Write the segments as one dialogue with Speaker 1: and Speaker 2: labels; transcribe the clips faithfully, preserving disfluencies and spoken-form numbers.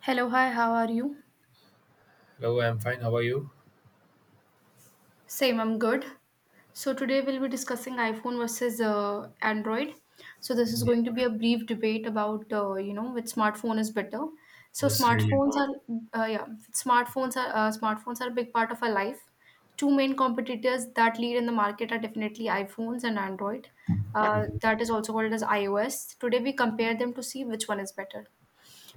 Speaker 1: Hello, hi, how are you?
Speaker 2: Hello, I'm fine. How are you?
Speaker 1: Same, I'm good. So, today we'll be discussing iPhone versus uh, Android. So, this is
Speaker 2: Yeah.
Speaker 1: going to be a brief debate about, uh, you know, which smartphone is better. So,
Speaker 2: Yes, really.
Speaker 1: smartphones are, uh, yeah, smartphones are, uh, smartphones are a big part of our life. Two main competitors that lead in the market are definitely iPhones and Android. Uh,
Speaker 2: Mhm.
Speaker 1: that is also called as iOS. Today we compare them to see which one is better.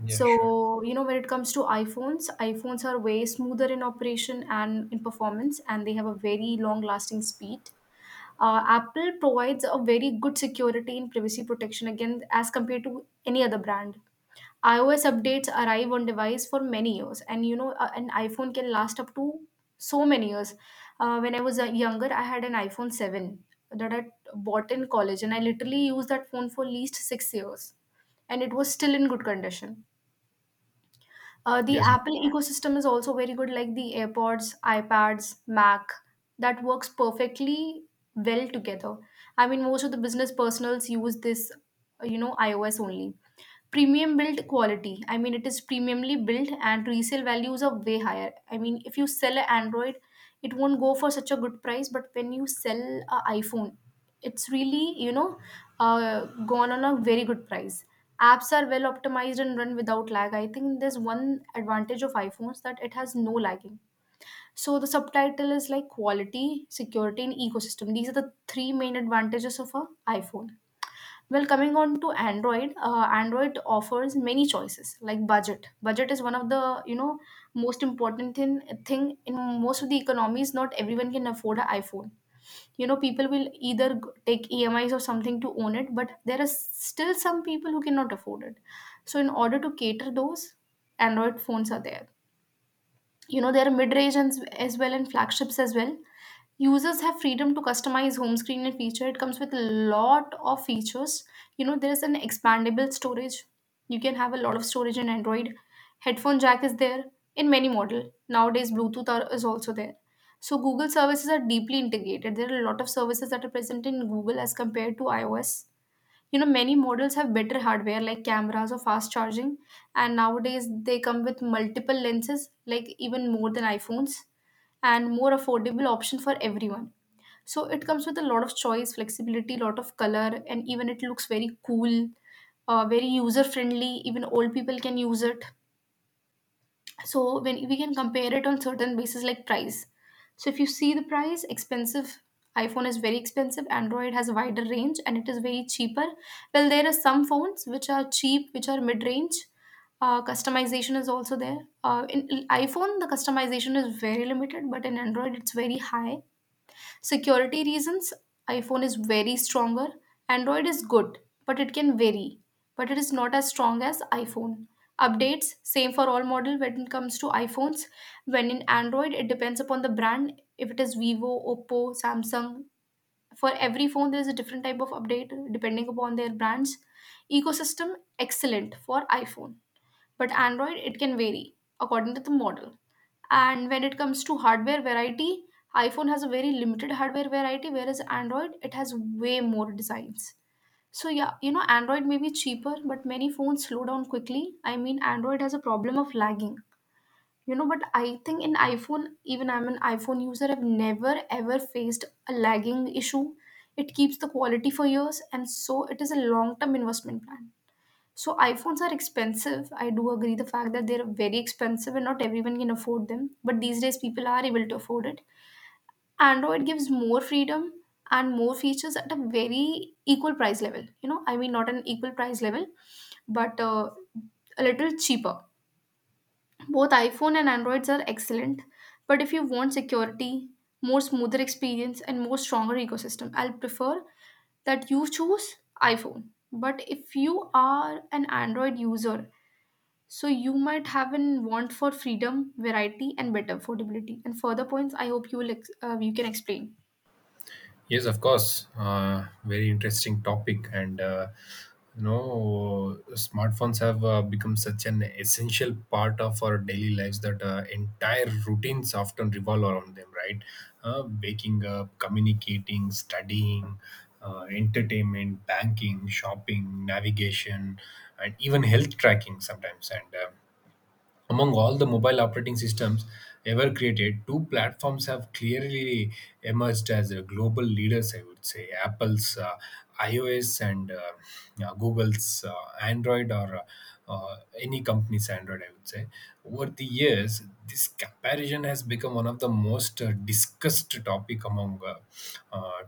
Speaker 2: Yeah, sure.
Speaker 1: So, you know, when it comes to iPhones, iPhones are way smoother in operation and in performance, and they have a very long lasting speed. Uh, Apple provides a very good security and privacy protection again as compared to any other brand. iOS updates arrive on device for many years, and you know, a- an iPhone can last up to so many years. Uh, when I was uh, younger, I had an iPhone seven that I bought in college, and I literally used that phone for least six years, and it was still in good condition. Uh, the
Speaker 2: Yes,
Speaker 1: Apple ecosystem is also very good, like the AirPods, iPads, Mac, that works perfectly well together. I mean, most of the business personals use this, uh, you know, iOS only premium build quality. I mean, it is premiumly built and resale values are way higher. I mean, if you sell an Android, it won't go for such a good price, but when you sell an iPhone, it's really, you know, uh, gone on a very good price. Apps are well optimized and run without lag. I think there's one advantage of iPhones that it has no lagging. So the subtitle is like quality, security, and ecosystem. These are the three main advantages of a iPhone. Well, coming on to Android, uh, Android offers many choices like budget. Budget is one of the you know most important in, thing in most of the economies. Not everyone can afford an iPhone. You know, people will either g- take E M Is or something to own it, but there are still some people who cannot afford it. So, in order to cater those, Android phones are there. You know, there are mid-range and s- as well and flagships as well. Users have freedom to customize home screen and feature. It comes with a lot of features. You know, there's an expandable storage. You can have a lot of storage in Android. Headphone jack is there in many model. Nowadays Bluetooth are, is also there. So Google services are deeply integrated. There are a lot of services that are present in Google as compared to iOS. You know, many models have better hardware like cameras or fast charging, and nowadays they come with multiple lenses, like even more than iPhones, and more affordable option for everyone. So it comes with a lot of choice, flexibility, lot of color, and even it looks very cool, uh, very user friendly. Even old people can use it. So when we can compare it on certain basis like price, so if you see the price expensive, iPhone is very expensive. Android has a wider range and it is very cheaper. Well, there are some phones which are cheap, which are mid-range. Uh, customization is also there. Uh, in in iPhone the customization is very limited, but in Android it's very high. Security reasons, iPhone is very stronger. Android is good, but it can vary. But it is not as strong as iPhone. Updates same for all model when it comes to iPhones. When in Android, it depends upon the brand. If it is Vivo, Oppo, Samsung, for every phone there is a different type of update depending upon their brands. Ecosystem excellent for iPhone, but Android it can vary according to the model. And when it comes to hardware variety, iPhone has a very limited hardware variety, whereas Android it has way more designs. So yeah, you know, Android may be cheaper, but many phones slow down quickly. I mean, Android has a problem of lagging. You know, but I think in iPhone, even I'm an iPhone user, I've never ever faced a lagging issue. It keeps the quality for years, and so it is a long term investment plan. So iPhones are expensive. I do agree the fact that they're very expensive and not everyone can afford them. But these days people are able to afford it. Android gives more freedom and more features at a very equal price level. You know, I mean not an equal price level, but uh, a little cheaper. Both iPhone and Androids are excellent, but if you want security, more smoother experience and more stronger ecosystem, I'll prefer that you choose iPhone. But if you are an Android user, so you might have an want for freedom, variety, and better affordability. And further points, I hope you will ex- uh, you can explain.
Speaker 2: yes, of course. Uh, very interesting topic, and uh, you know, smartphones have uh, become such an essential part of our daily lives that uh, entire routines often revolve around them, right? Uh, waking up, communicating, studying, uh, entertainment, banking, shopping, navigation, and even health tracking sometimes. And uh, among all the mobile operating systems ever created, two platforms have clearly emerged as the global leaders. I would say Apple's uh, iOS, and uh, yeah, Google's uh, Android, or uh, uh, any company's Android, I would say. Over the years, this comparison has become one of the most uh, discussed topic among uh, uh,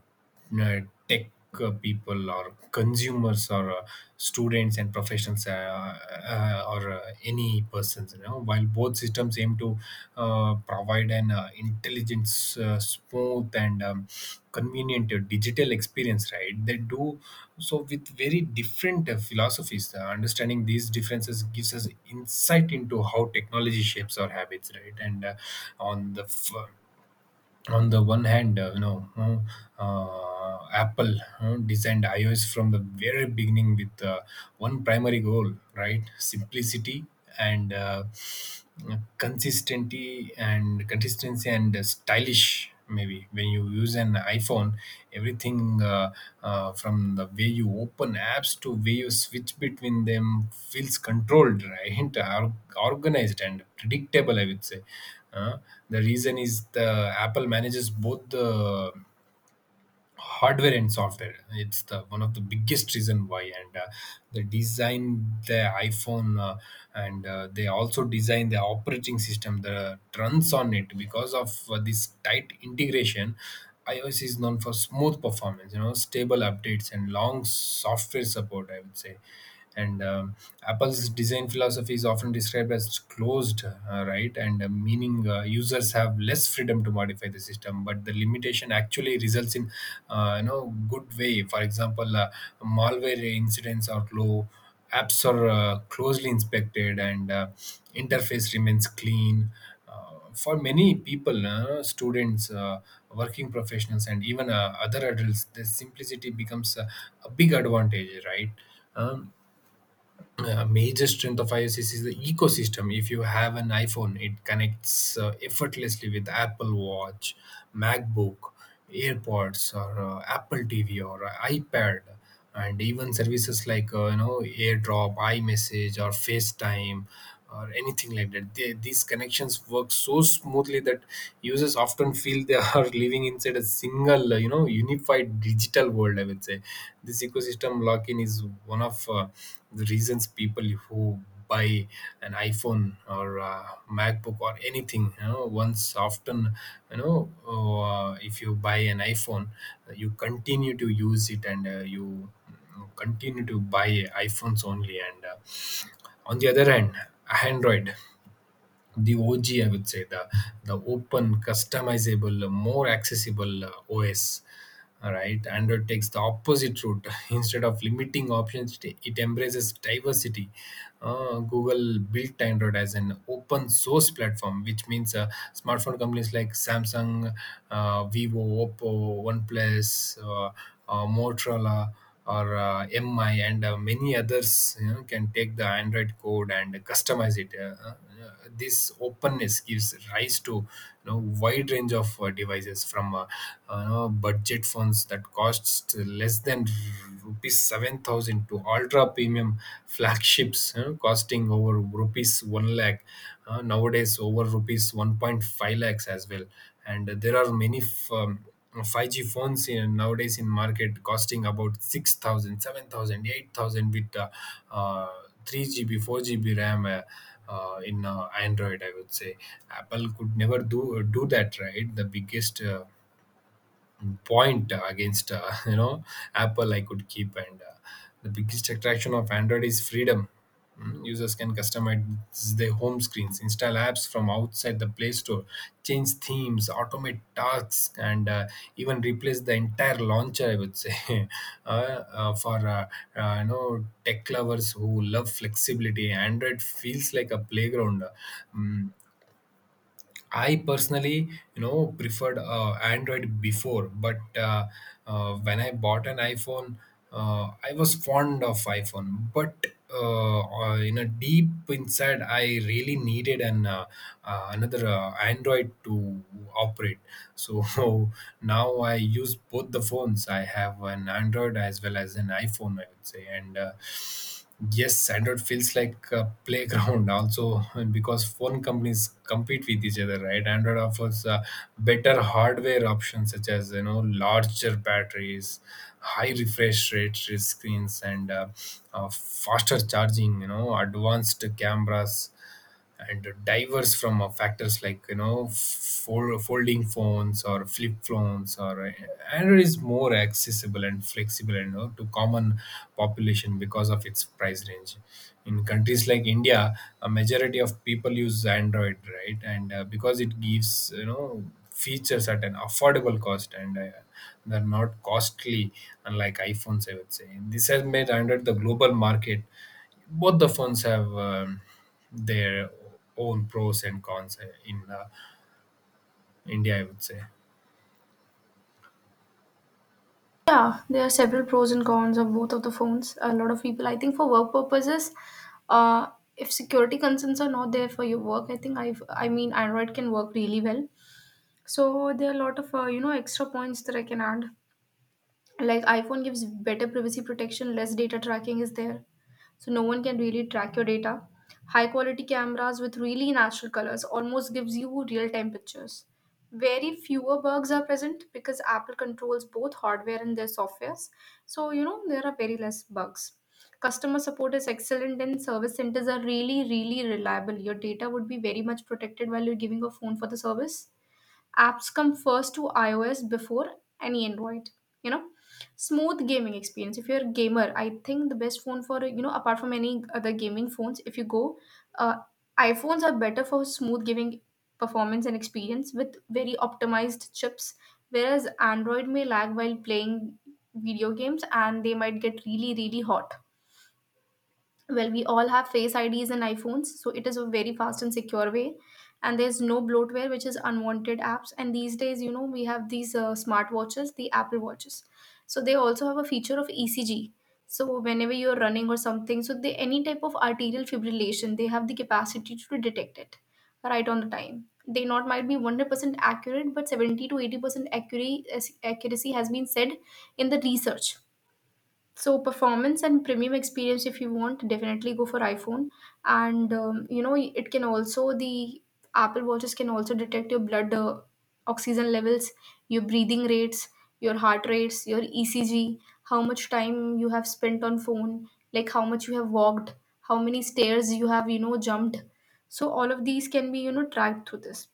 Speaker 2: uh, tech uh, people, or consumers, or uh, students and professionals uh, uh, or uh, any persons, you know while both systems aim to uh, provide an uh, intelligent, uh, smooth, and um, convenient uh, digital experience, right? They do so with very different uh, philosophies. uh, understanding these differences gives us insight into how technology shapes our habits, right? And uh, on the f- on the one hand, uh, you know, uh, uh, Apple uh, designed iOS from the very beginning with uh, one primary goal, right? Simplicity and uh, consistency, and consistency and stylish, maybe. When you use an iPhone, everything, uh, uh, from the way you open apps to way you switch between them, feels controlled, right? Or- organized and predictable, I would say. Uh, the reason is, the Apple manages both the hardware and software. It's the one of the biggest reason why. And uh, they design the iPhone, uh, and uh, they also design the operating system that runs on it. Because of uh, this tight integration, iOS is known for smooth performance, you know, stable updates and long software support, I would say. And um, Apple's design philosophy is often described as closed, uh, right, and uh, meaning uh, users have less freedom to modify the system, but the limitation actually results in uh, you know good way. For example, uh, malware incidents are low, apps are uh, closely inspected, and uh, interface remains clean. uh, for many people, uh, students, uh, working professionals, and even uh, other adults, the simplicity becomes a, a big advantage, right? um, a major strength of iOS is the ecosystem. If you have an iPhone, it connects uh, effortlessly with Apple Watch, MacBook, AirPods, or uh, Apple T V, or uh, iPad, and even services like uh, you know AirDrop, iMessage, or FaceTime, or anything like that. They, these connections work so smoothly that users often feel they are living inside a single, you know, unified digital world, I would say. This ecosystem lock-in is one of uh, the reasons people who buy an iPhone or a MacBook or anything, you know, once often, you know, uh, if you buy an iPhone, you continue to use it, and uh, you continue to buy iPhones only. And uh, on the other hand, Android, the O G, I would say, the, the open, customizable, more accessible uh, O S, all right? Android takes the opposite route. Instead of limiting options, it it embraces diversity. Uh, Google built Android as an open source platform, which means uh, smartphone companies like Samsung, uh, Vivo, Oppo, OnePlus, uh, uh, Motorola, or uh, M I, and uh, many others, you know, can take the Android code and customize it. Uh, uh, this openness gives rise to you know, wide range of uh, devices, from uh, uh, budget phones that costs less than rupees seven thousand, to ultra premium flagships, you know, costing over rupees one lakh, uh, nowadays over rupees one point five lakhs as well. And there are many f- um, five G phones in, nowadays in market, costing about six thousand, seven thousand, eight thousand, with uh, uh, three G B, four G B RAM, uh, uh, in uh, Android, I would say. Apple could never do do that, right? The biggest uh, point uh, against, uh, you know, Apple I could keep. And uh, the biggest attraction of Android is freedom. Mm, users can customize their home screens, install apps from outside the Play Store, change themes, automate tasks, and uh, even replace the entire launcher, I would say. uh, uh, for uh, uh, you know tech lovers who love flexibility, Android feels like a playground. Mm, I personally, you know, preferred uh, Android before, but uh, uh, when I bought an iPhone, uh, I was fond of iPhone. But uh, uh, you know, deep inside, I really needed an uh, uh, another uh, Android to operate. So now I use both the phones. I have an Android as well as an iPhone, I would say, and. Uh, Yes, Android feels like a playground also, and because phone companies compete with each other, right? Android offers uh, better hardware options, such as, you know, larger batteries, high refresh rate screens, and uh, uh, faster charging. You know, advanced cameras and diverse from uh, factors, like, you know, fold, folding phones or flip phones, or uh, Android is more accessible and flexible, and, you know, to common population because of its price range. In countries like India, a majority of people use Android, right? And uh, because it gives, you know, features at an affordable cost. And uh, they're not costly, unlike iPhones, I would say. This has made Android the global market. Both the phones have um, their own pros and cons uh, in uh, India, I would say.
Speaker 1: Yeah, there are several pros and cons of both of the phones. A lot of people, I think, for work purposes, uh, if security concerns are not there for your work, I think I've, I mean, Android can work really well. So there are a lot of uh, you know extra points that I can add. Like iPhone gives better privacy protection, less data tracking is there. So no one can really track your data. High quality cameras with really natural colors almost gives you real time pictures. Very fewer bugs are present because Apple controls both hardware and their softwares. So you know there are very less bugs. Customer support is excellent and service centers are really, really reliable. Your data would be very much protected while you're giving a phone for the service. Apps come first to iOS before any Android, you know. Smooth gaming experience, if you're a gamer, I think the best phone, for you know, apart from any other gaming phones, if you go, uh, iPhones are better for smooth gaming performance and experience with very optimized chips, whereas Android may lag while playing video games and they might get really, really hot. Well, we all have Face IDs in iPhones, so it is a very fast and secure way, and there's no bloatware, which is unwanted apps. And these days, you know, we have these uh, smart the Apple watches, so they also have a feature of ECG. So whenever you're running or something, so they any type of arterial fibrillation, they have the capacity to detect it right on the time. They not might be one hundred percent accurate, but seventy to eighty percent accuracy accuracy has been said in the research. So performance and premium experience, if you want, definitely go for iPhone. And um, you know, it can also the Apple watches can also detect your blood uh, oxygen levels, your breathing rates, your heart rates, your ECG, how much time you have spent on phone, like how much you have walked, how many stairs you have, you know, jumped. So all of these can be, you know, tracked through this.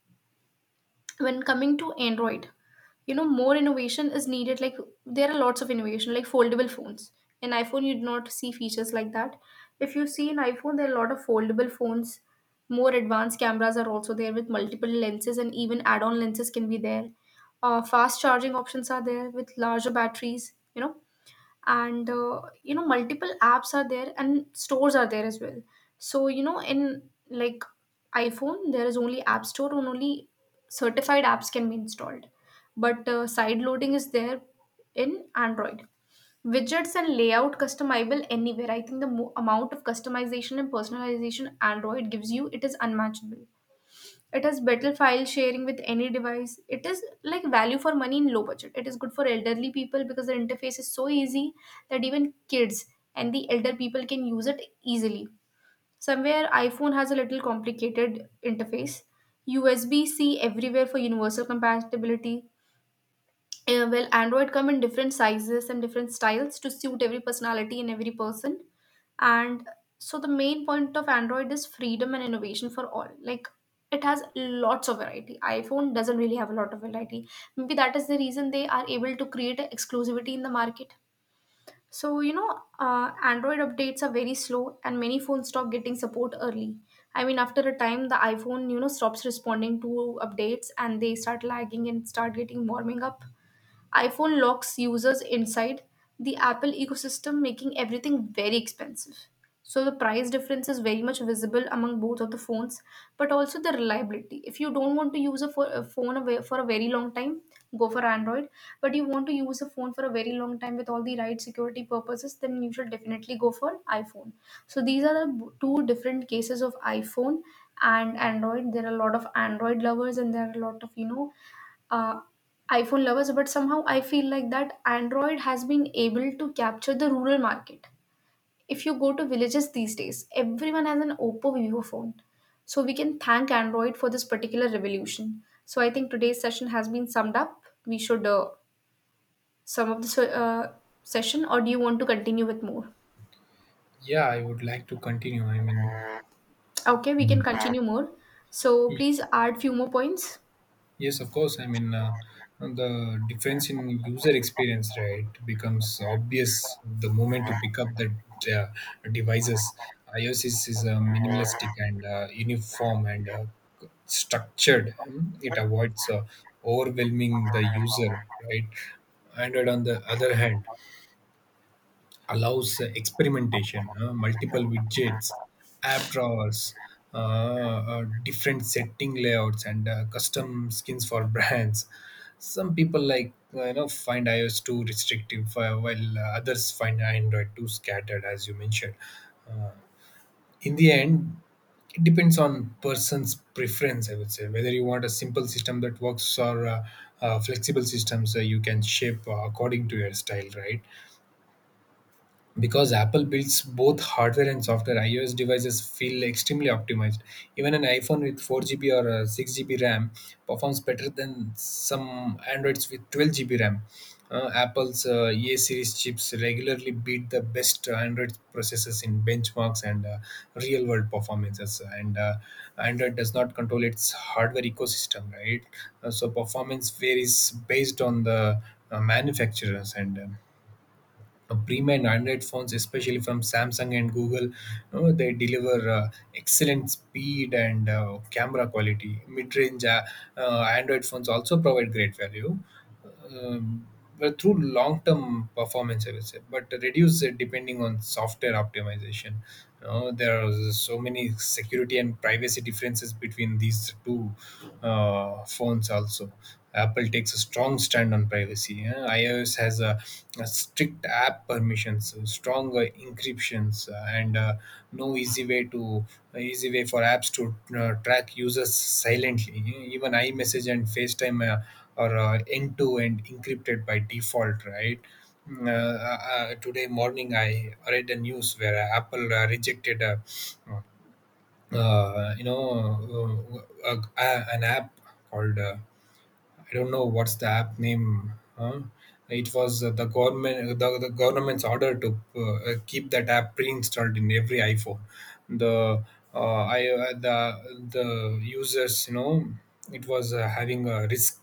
Speaker 1: When coming to Android, you know, more innovation is needed. Like there are lots of innovation like foldable phones. In iPhone you do not see features like that. If you see in iPhone there are a lot of foldable phones. More advanced cameras are also there with multiple lenses, and even add-on lenses can be there. Uh, fast charging options are there with larger batteries, you know. And uh, you know, multiple apps are there and stores are there as well. So you know, in like iPhone there is only App Store, and only certified apps can be installed, but uh, side loading is there in Android. Widgets and layout customizable anywhere. I think the mo- amount of customization and personalization Android gives you, it is unmatchable. It has better file sharing with any device. It is like value for money in low budget. It is good for elderly people because the interface is so easy that even kids and the elder people can use it easily. Somewhere iPhone has a little complicated interface. U S B C everywhere for universal compatibility. Uh, well, Android come in different sizes and different styles to suit every personality and every person. And so the main point of Android is freedom and innovation for all. Like it has lots of variety. iPhone doesn't really have a lot of variety. Maybe that is the reason they are able to create a exclusivity in the market. So you know, uh, Android updates are very slow, and many phones stop getting support early. I mean, after a time, the iPhone, you know, stops responding to updates, and they start lagging and start getting warming up. iPhone locks users inside the Apple ecosystem, making everything very expensive. So the price difference is very much visible among both of the phones, but also the reliability. If you don't want to use a, pho- a phone away- for a very long time, go for Android. But you want to use a phone for a very long time with all the right security purposes, then you should definitely go for iPhone. So these are the b- two different cases of iPhone and Android. There are a lot of Android lovers, and there are a lot of you know uh, iPhone lovers, but somehow I feel like that Android has been able to capture the rural market. If you go to villages these days, everyone has an Oppo Vivo phone. So we can thank Android for this particular revolution. So I think today's session has been summed up. We should uh, sum up this uh, session, or do you want to continue with more?
Speaker 2: Yeah, I would like to continue. I mean,
Speaker 1: Okay, we can
Speaker 2: Mm.
Speaker 1: continue more. So
Speaker 2: y-
Speaker 1: please add few more points.
Speaker 2: yes, of course. I mean, uh, the difference in user experience, right, becomes obvious the moment you pick up the uh, devices. iOS is, is uh, minimalistic and uh, uniform and uh, structured. um, It avoids uh, overwhelming the user, right? Android, on the other hand, allows experimentation, uh, multiple widgets, app drawers, uh, uh, different setting layouts, and uh, custom skins for brands. Some people like uh, you know find iOS too restrictive, uh, while uh, others find Android too scattered, as you mentioned. In the end, it depends on person's preference. I would say whether you want a simple system that works, or uh, uh, flexible systems uh, you can shape uh, according to your style, right? Because Apple builds both hardware and software, iOS devices feel extremely optimized. Even an iPhone with four G B or uh, six G B RAM performs better than some Androids with twelve G B RAM. Uh, apple's uh, A series chips regularly beat the best Android processors in benchmarks and uh, real world performances. And uh, Android does not control its hardware ecosystem, right? Uh, so performance varies based on the uh, manufacturers, and um, uh, premium Android phones, especially from Samsung and Google, you know, they deliver uh, excellent speed and uh, camera quality. Mid-range uh, uh, Android phones also provide great value, um, well, through long-term performance, I would say, but reduce it depending on software optimization. You know, there are so many security and privacy differences between these two uh, phones. Also, Apple takes a strong stand on privacy. Yeah. iOS has a, a strict app permissions, stronger encryptions, uh, and uh, no easy way to easy way for apps to uh, track users silently. Even iMessage and FaceTime, Uh, or uh, end-to-end encrypted by default, right? Mm, Uh, uh, uh, today morning, I read the news where uh, Apple uh, rejected a, uh, you know, uh, uh, uh, an app called uh, I don't know what's the app name. Huh? It was uh, the government, uh, the, the government's order to uh, keep that app pre-installed in every iPhone. The uh, I uh, the the users, you know, it was uh, having a risk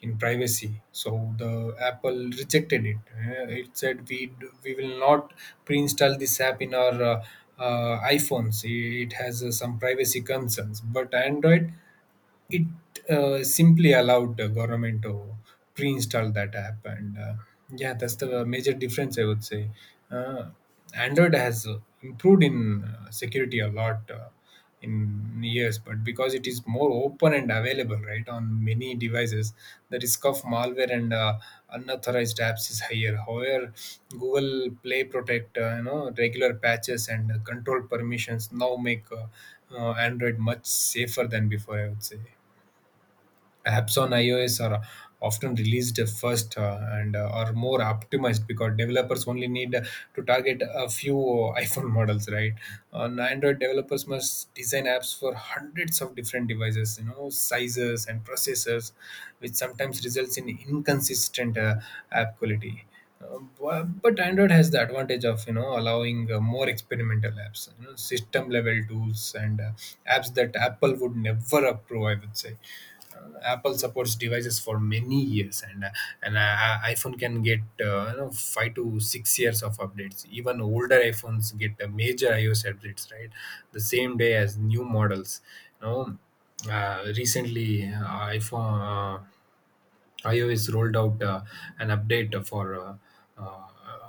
Speaker 2: in privacy. So the Apple rejected it. Uh, It said we d- we will not pre-install this app in our uh, uh, iPhones. It has uh, some privacy concerns. But Android, it uh, simply allowed the government to pre-install that app, and uh, yeah, that's the major difference, I would say. uh, Android has uh, improved in uh, security a lot uh, in years, but because it is more open and available, right, on many devices, the risk of malware and uh, unauthorized apps is higher. However, Google Play Protect, uh, you know, regular patches and uh, control permissions now make uh, uh, Android much safer than before, I would say. Apps on iOS are often released first uh, and uh, are more optimized, because developers only need uh, to target a few uh, iPhone models, right? On Android, developers must design apps for hundreds of different devices, you know, sizes and processors, which sometimes results in inconsistent uh, app quality. Um, bu- but Android has the advantage of you know allowing uh, more experimental apps, you know system level tools, and uh, apps that Apple would never approve, I would say. Uh, apple supports devices for many years, and uh, an uh, iPhone can get, uh, you know five to six years of updates. Even older iPhones get uh, major iOS updates, right, the same day as new models you know uh, Recently, uh, iphone Uh, iOS rolled out uh, an update for uh, uh,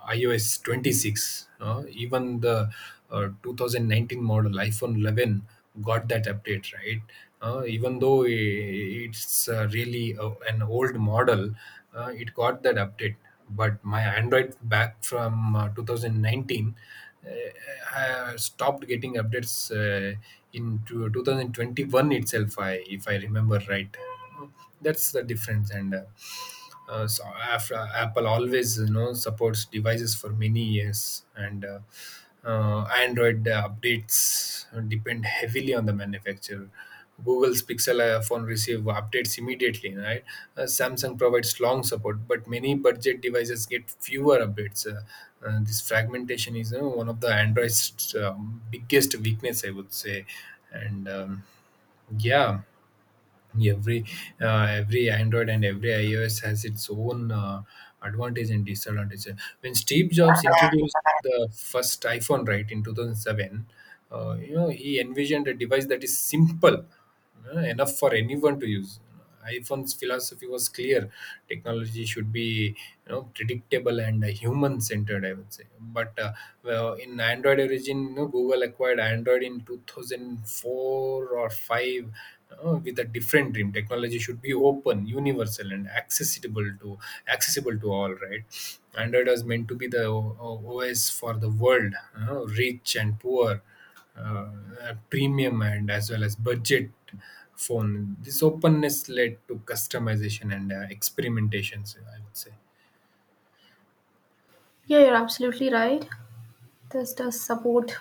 Speaker 2: iOS twenty-six. Uh, even the uh, twenty nineteen model iPhone eleven got that update, right? Uh, even though i- it's uh, really uh, an old model, uh, it got that update. But my Android back from uh, two thousand nineteen uh, uh, stopped getting updates uh, in two- two thousand twenty-one itself, I, if I remember right. That's the difference, and uh, uh, so after, Apple always you know supports devices for many years. And uh, uh, Android uh, updates depend heavily on the manufacturer. Google's Pixel uh, phone receive updates immediately, right. uh, Samsung provides long support, but many budget devices get fewer updates. Uh, uh, this fragmentation is uh, one of the Android's um, biggest weakness, I would say. And um, yeah. Every uh, every Android and every iOS has its own uh, advantage and disadvantage. When Steve Jobs introduced the first iPhone, right, in two thousand seven, uh, you know he envisioned a device that is simple uh, enough for anyone to use. iPhone's philosophy was clear: technology should be, you know, predictable and uh, human-centered, I would say. But uh, well, in Android origin, you know, Google acquired Android in two thousand four or five, uh, with a different dream. Technology should be open, universal, and accessible to accessible to all, right. Android was meant to be the O- O- os for the world, you know, rich and poor, uh, a premium and as well as budget phone. This openness led to customization and uh, experimentations, I would say.
Speaker 1: Yeah, you're absolutely right. This does support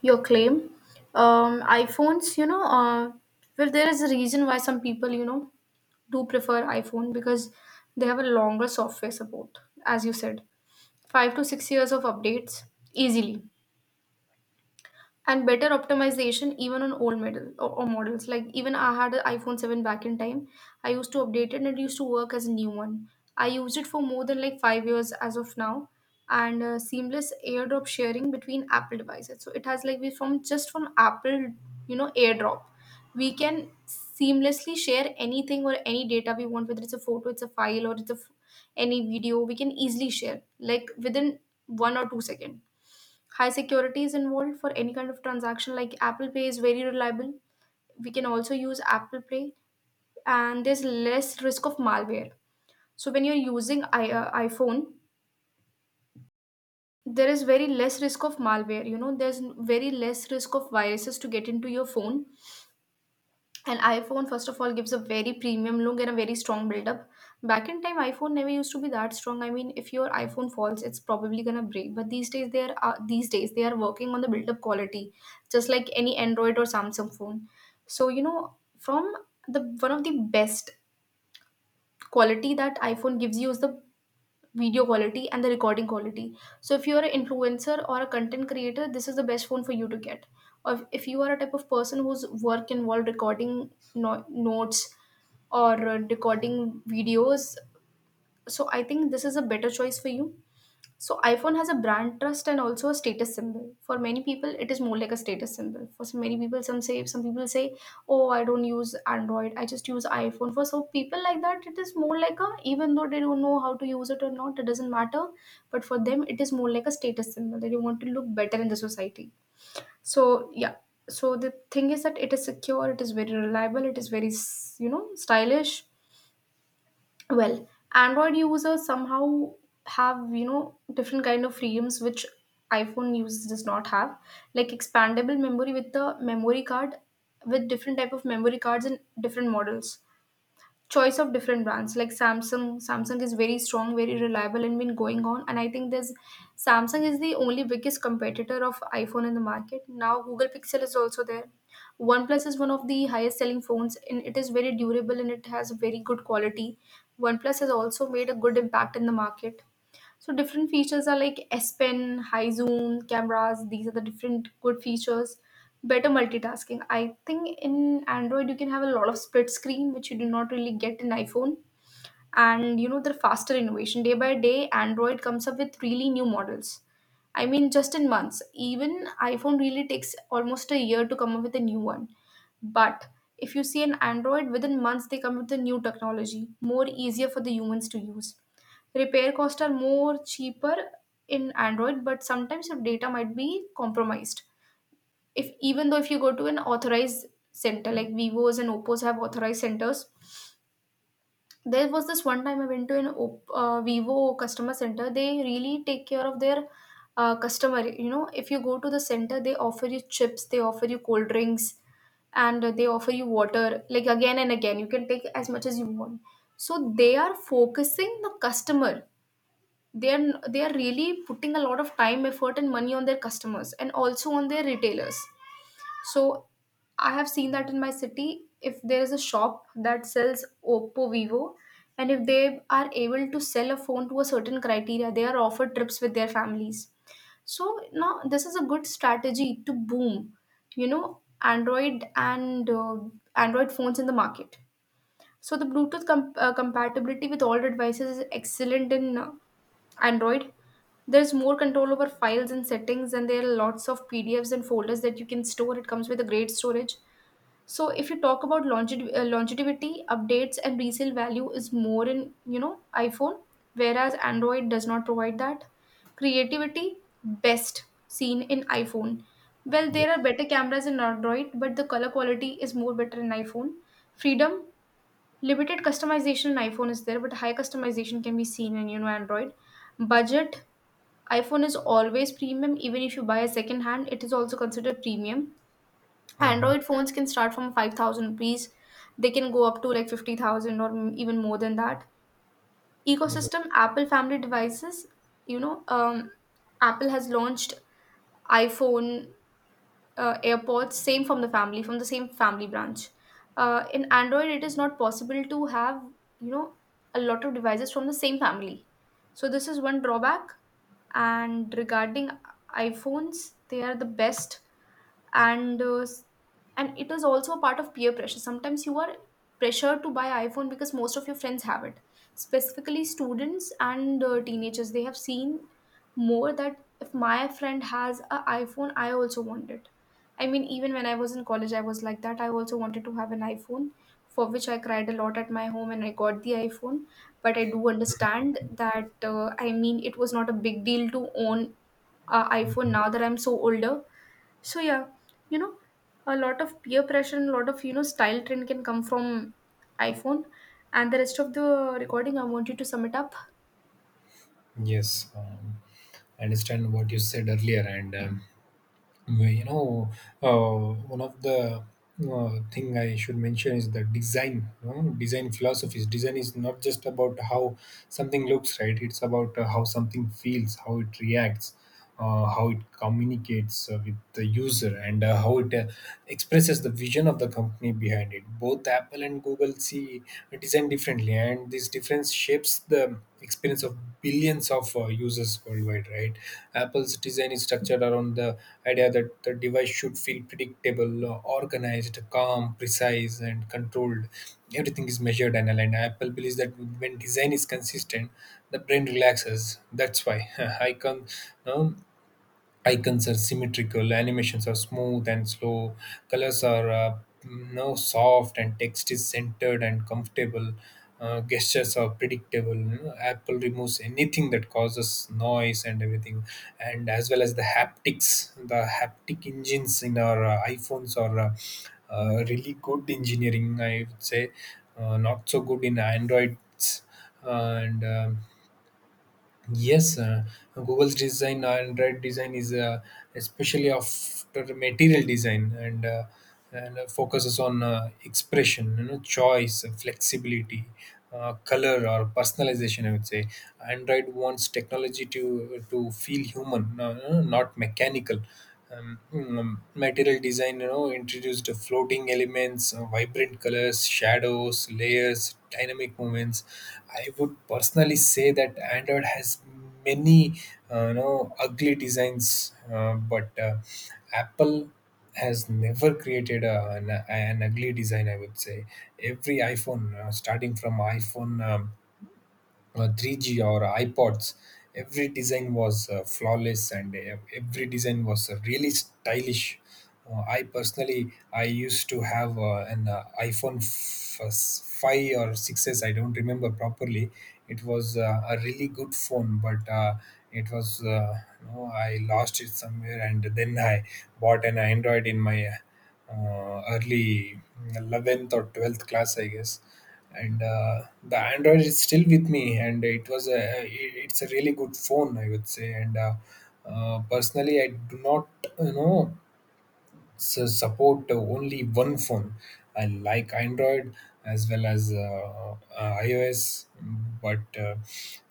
Speaker 1: your claim. Um, iPhones, you know, uh, well, there is a reason why some people, you know, do prefer iPhone because they have a longer software support, as you said, five to six years of updates easily, and better optimization even on old model, or, or models. Like, even I had an iPhone seven back in time. I used to update it and it used to work as a new one. I used it for more than like five years as of now. And uh, seamless AirDrop sharing between Apple devices. So it has like, we from just from Apple, you know, AirDrop, we can seamlessly share anything or any data we want, whether it's a photo, it's a file, or it's a f- any video. We can easily share like within one or two second. High security is involved for any kind of transaction, like Apple Pay is very reliable. We can also use Apple Pay, and there's less risk of malware. So when you're using I- uh, iPhone, there is very less risk of malware. You know, there's very less risk of viruses to get into your phone. And iPhone, first of all, gives a very premium look and a very strong build-up. Back in time, iPhone never used to be that strong. I mean, if your iPhone falls, it's probably gonna break. But these days, they are uh, these days they are working on the build-up quality, just like any Android or Samsung phone. So you know, from the one of the best quality that iPhone gives you is the video quality and the recording quality. So if you are an influencer or a content creator, this is the best phone for you to get. Or if if you are a type of person whose work involved recording no- notes, or uh, recording videos, so I think this is a better choice for you. So iPhone has a brand trust and also a status symbol. For many people, it is more like a status symbol. For some, many people, some say some people say, "Oh, I don't use Android. I just use iPhone." For some people like that, it is more like a, even though they don't know how to use it or not, it doesn't matter. But for them, it is more like a status symbol, that you want to look better in the society. So yeah. So the thing is that it is secure, it is very reliable, it is very s- you know, stylish, well, Android users somehow have, you know, different kind of freedoms which iPhone users does not have, like expandable memory with the memory card, with different type of memory cards and different models, choice of different brands like samsung Samsung. Is very strong, very reliable, and been going on, and I think there's, Samsung is the only biggest competitor of iPhone in the market. Now Google Pixel is also there. OnePlus is one of the highest selling phones, and it is very durable and it has very good quality. OnePlus has also made a good impact in the market. So different features are like S Pen, high zoom, cameras. These are the different good features. Better multitasking. I think in Android you can have a lot of split screen, which you do not really get in iPhone. And you know, their faster innovation, day by day Android comes up with really new models. I mean, just in months. Even iPhone really takes almost a year to come up with a new one. But if you see an Android, within months they come with a new technology, more easier for the humans to use. Repair costs are more cheaper in Android, but sometimes your data might be compromised. If, even though, if you go to an authorized center, like Vivos and Oppos have authorized centers. There was this one time I went to an op- uh, Vivo customer center. They really take care of their uh, customer. You know, if you go to the center, they offer you chips, they offer you cold drinks, and they offer you water. Like again and again, you can take as much as you want. So they are focusing the customer. They are they are really putting a lot of time, effort, and money on their customers, and also on their retailers. So I have seen that in my city. If there is a shop that sells Oppo, Vivo, and if they are able to sell a phone to a certain criteria, they are offered trips with their families. So now this is a good strategy to boom, you know, Android and uh, Android phones in the market. So the Bluetooth com- uh, compatibility with all the devices is excellent in uh, Android. There's more control over files and settings, and there are lots of P D Fs and folders that you can store. It comes with a great storage. So if you talk about longev- uh, longevity, updates and resale value is more in, you know, iPhone, whereas Android does not provide that. Creativity, best seen in iPhone. Well, there are
Speaker 2: Yes.
Speaker 1: better cameras in Android, but the color quality is more better in iPhone. Freedom, limited customization in iPhone is there, but high customization can be seen in, you know, Android. Budget, iPhone is always premium. Even if you buy a second hand, it is also considered premium.
Speaker 2: Mhm.
Speaker 1: Android phones can start from five thousand rupees. They can go up to like fifty thousand, or m- even more than that.
Speaker 2: Yes.
Speaker 1: Ecosystem, Apple family devices, you know, um, Apple has launched iPhone, uh, AirPods, same from the family, from the same family branch. Uh, in Android, it is not possible to have, you know, a lot of devices from the same family. So, this is one drawback. And regarding iPhones, they are the best. And uh, s- and it is also a part of peer pressure. Sometimes you are pressured to buy iPhone because most of your friends have it, specifically students and uh, teenagers. They have seen more that if my friend has an iPhone, I also want it. I mean, even when I was in college, I was like that. I also wanted to have an iPhone, for which I cried a lot at my home, and I got the iPhone. But I do understand that, uh, I mean, it was not a big deal to own a iPhone,
Speaker 2: Mhm.
Speaker 1: now that I'm so older. So yeah, you know, a lot of peer pressure and a lot of, you know, style trend can come from iPhone. And the rest of the recording, I want you to sum it up.
Speaker 2: Yes, um, I understand what you said earlier, and um, well, you know, uh, one of the uh, thing I should mention is the design. You know, design philosophies. Design is not just about how something looks, right? It's about uh, how something feels, how it reacts, uh, how it communicates uh, with the user, and uh, how it uh, expresses the vision of the company behind it. Both Apple and Google see designed differently, and this difference shapes the experience of billions of uh, users worldwide, right? Apple's design is structured around the idea that the device should feel predictable, uh, organized, calm, precise, and controlled. Everything is measured and aligned. Apple believes that when design is consistent, the brain relaxes. That's why I can icons are symmetrical, animations are smooth and slow, colors are uh, you know, soft, and text is centered and comfortable. Uh, gestures are predictable, you know. Apple removes anything that causes noise and everything, and as well as the haptics, the haptic engines in our uh, iPhones are uh, uh, really good engineering, I would say. Uh, not so good in Androids, uh, and um yes, uh, Google's design and red design is, uh, especially after material design, and uh, and uh, focuses on uh, expression, you know, choice, flexibility, uh, color, or personalization, I would say. Android wants technology to to feel human, no, no, not mechanical. Um, mm, Material design, you know, introduced floating elements, uh, vibrant colors, shadows, layers, dynamic movements. I would personally say that Android has many, uh, you know, ugly designs, uh, but uh, Apple has never created a, an, an ugly design, I would say. Every iPhone, uh, starting from iPhone. Um, uh, three G or iPods, every design was uh, flawless, and uh, every design was uh, really stylish. Uh, I personally, I used to have uh, an uh, iPhone f- s- five or six s, I don't remember properly. It was uh, a really good phone, but uh, it was, uh, you know, I lost it somewhere, and then I bought an Android in my uh, early eleventh or twelfth class, I guess. And uh, the Android is still with me, and it was a it- it's a really good phone, I would say. And uh, uh, personally, I do not, you know so support only one phone. I like Android as well as uh, uh, iOS, but uh,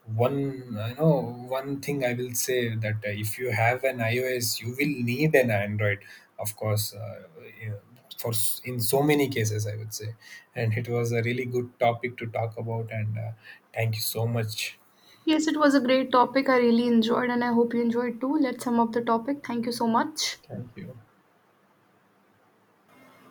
Speaker 2: one I know one thing I will say, that uh, if you have an iOS, you will need an Android, of course. Uh, yeah, for s- in so many cases, I would say, and it was a really good topic to talk about. And uh, thank you so much.
Speaker 1: Yes, it was a great topic. I really enjoyed, and I hope you enjoyed too. Let's sum up the topic. Thank you so much.
Speaker 2: Thank you.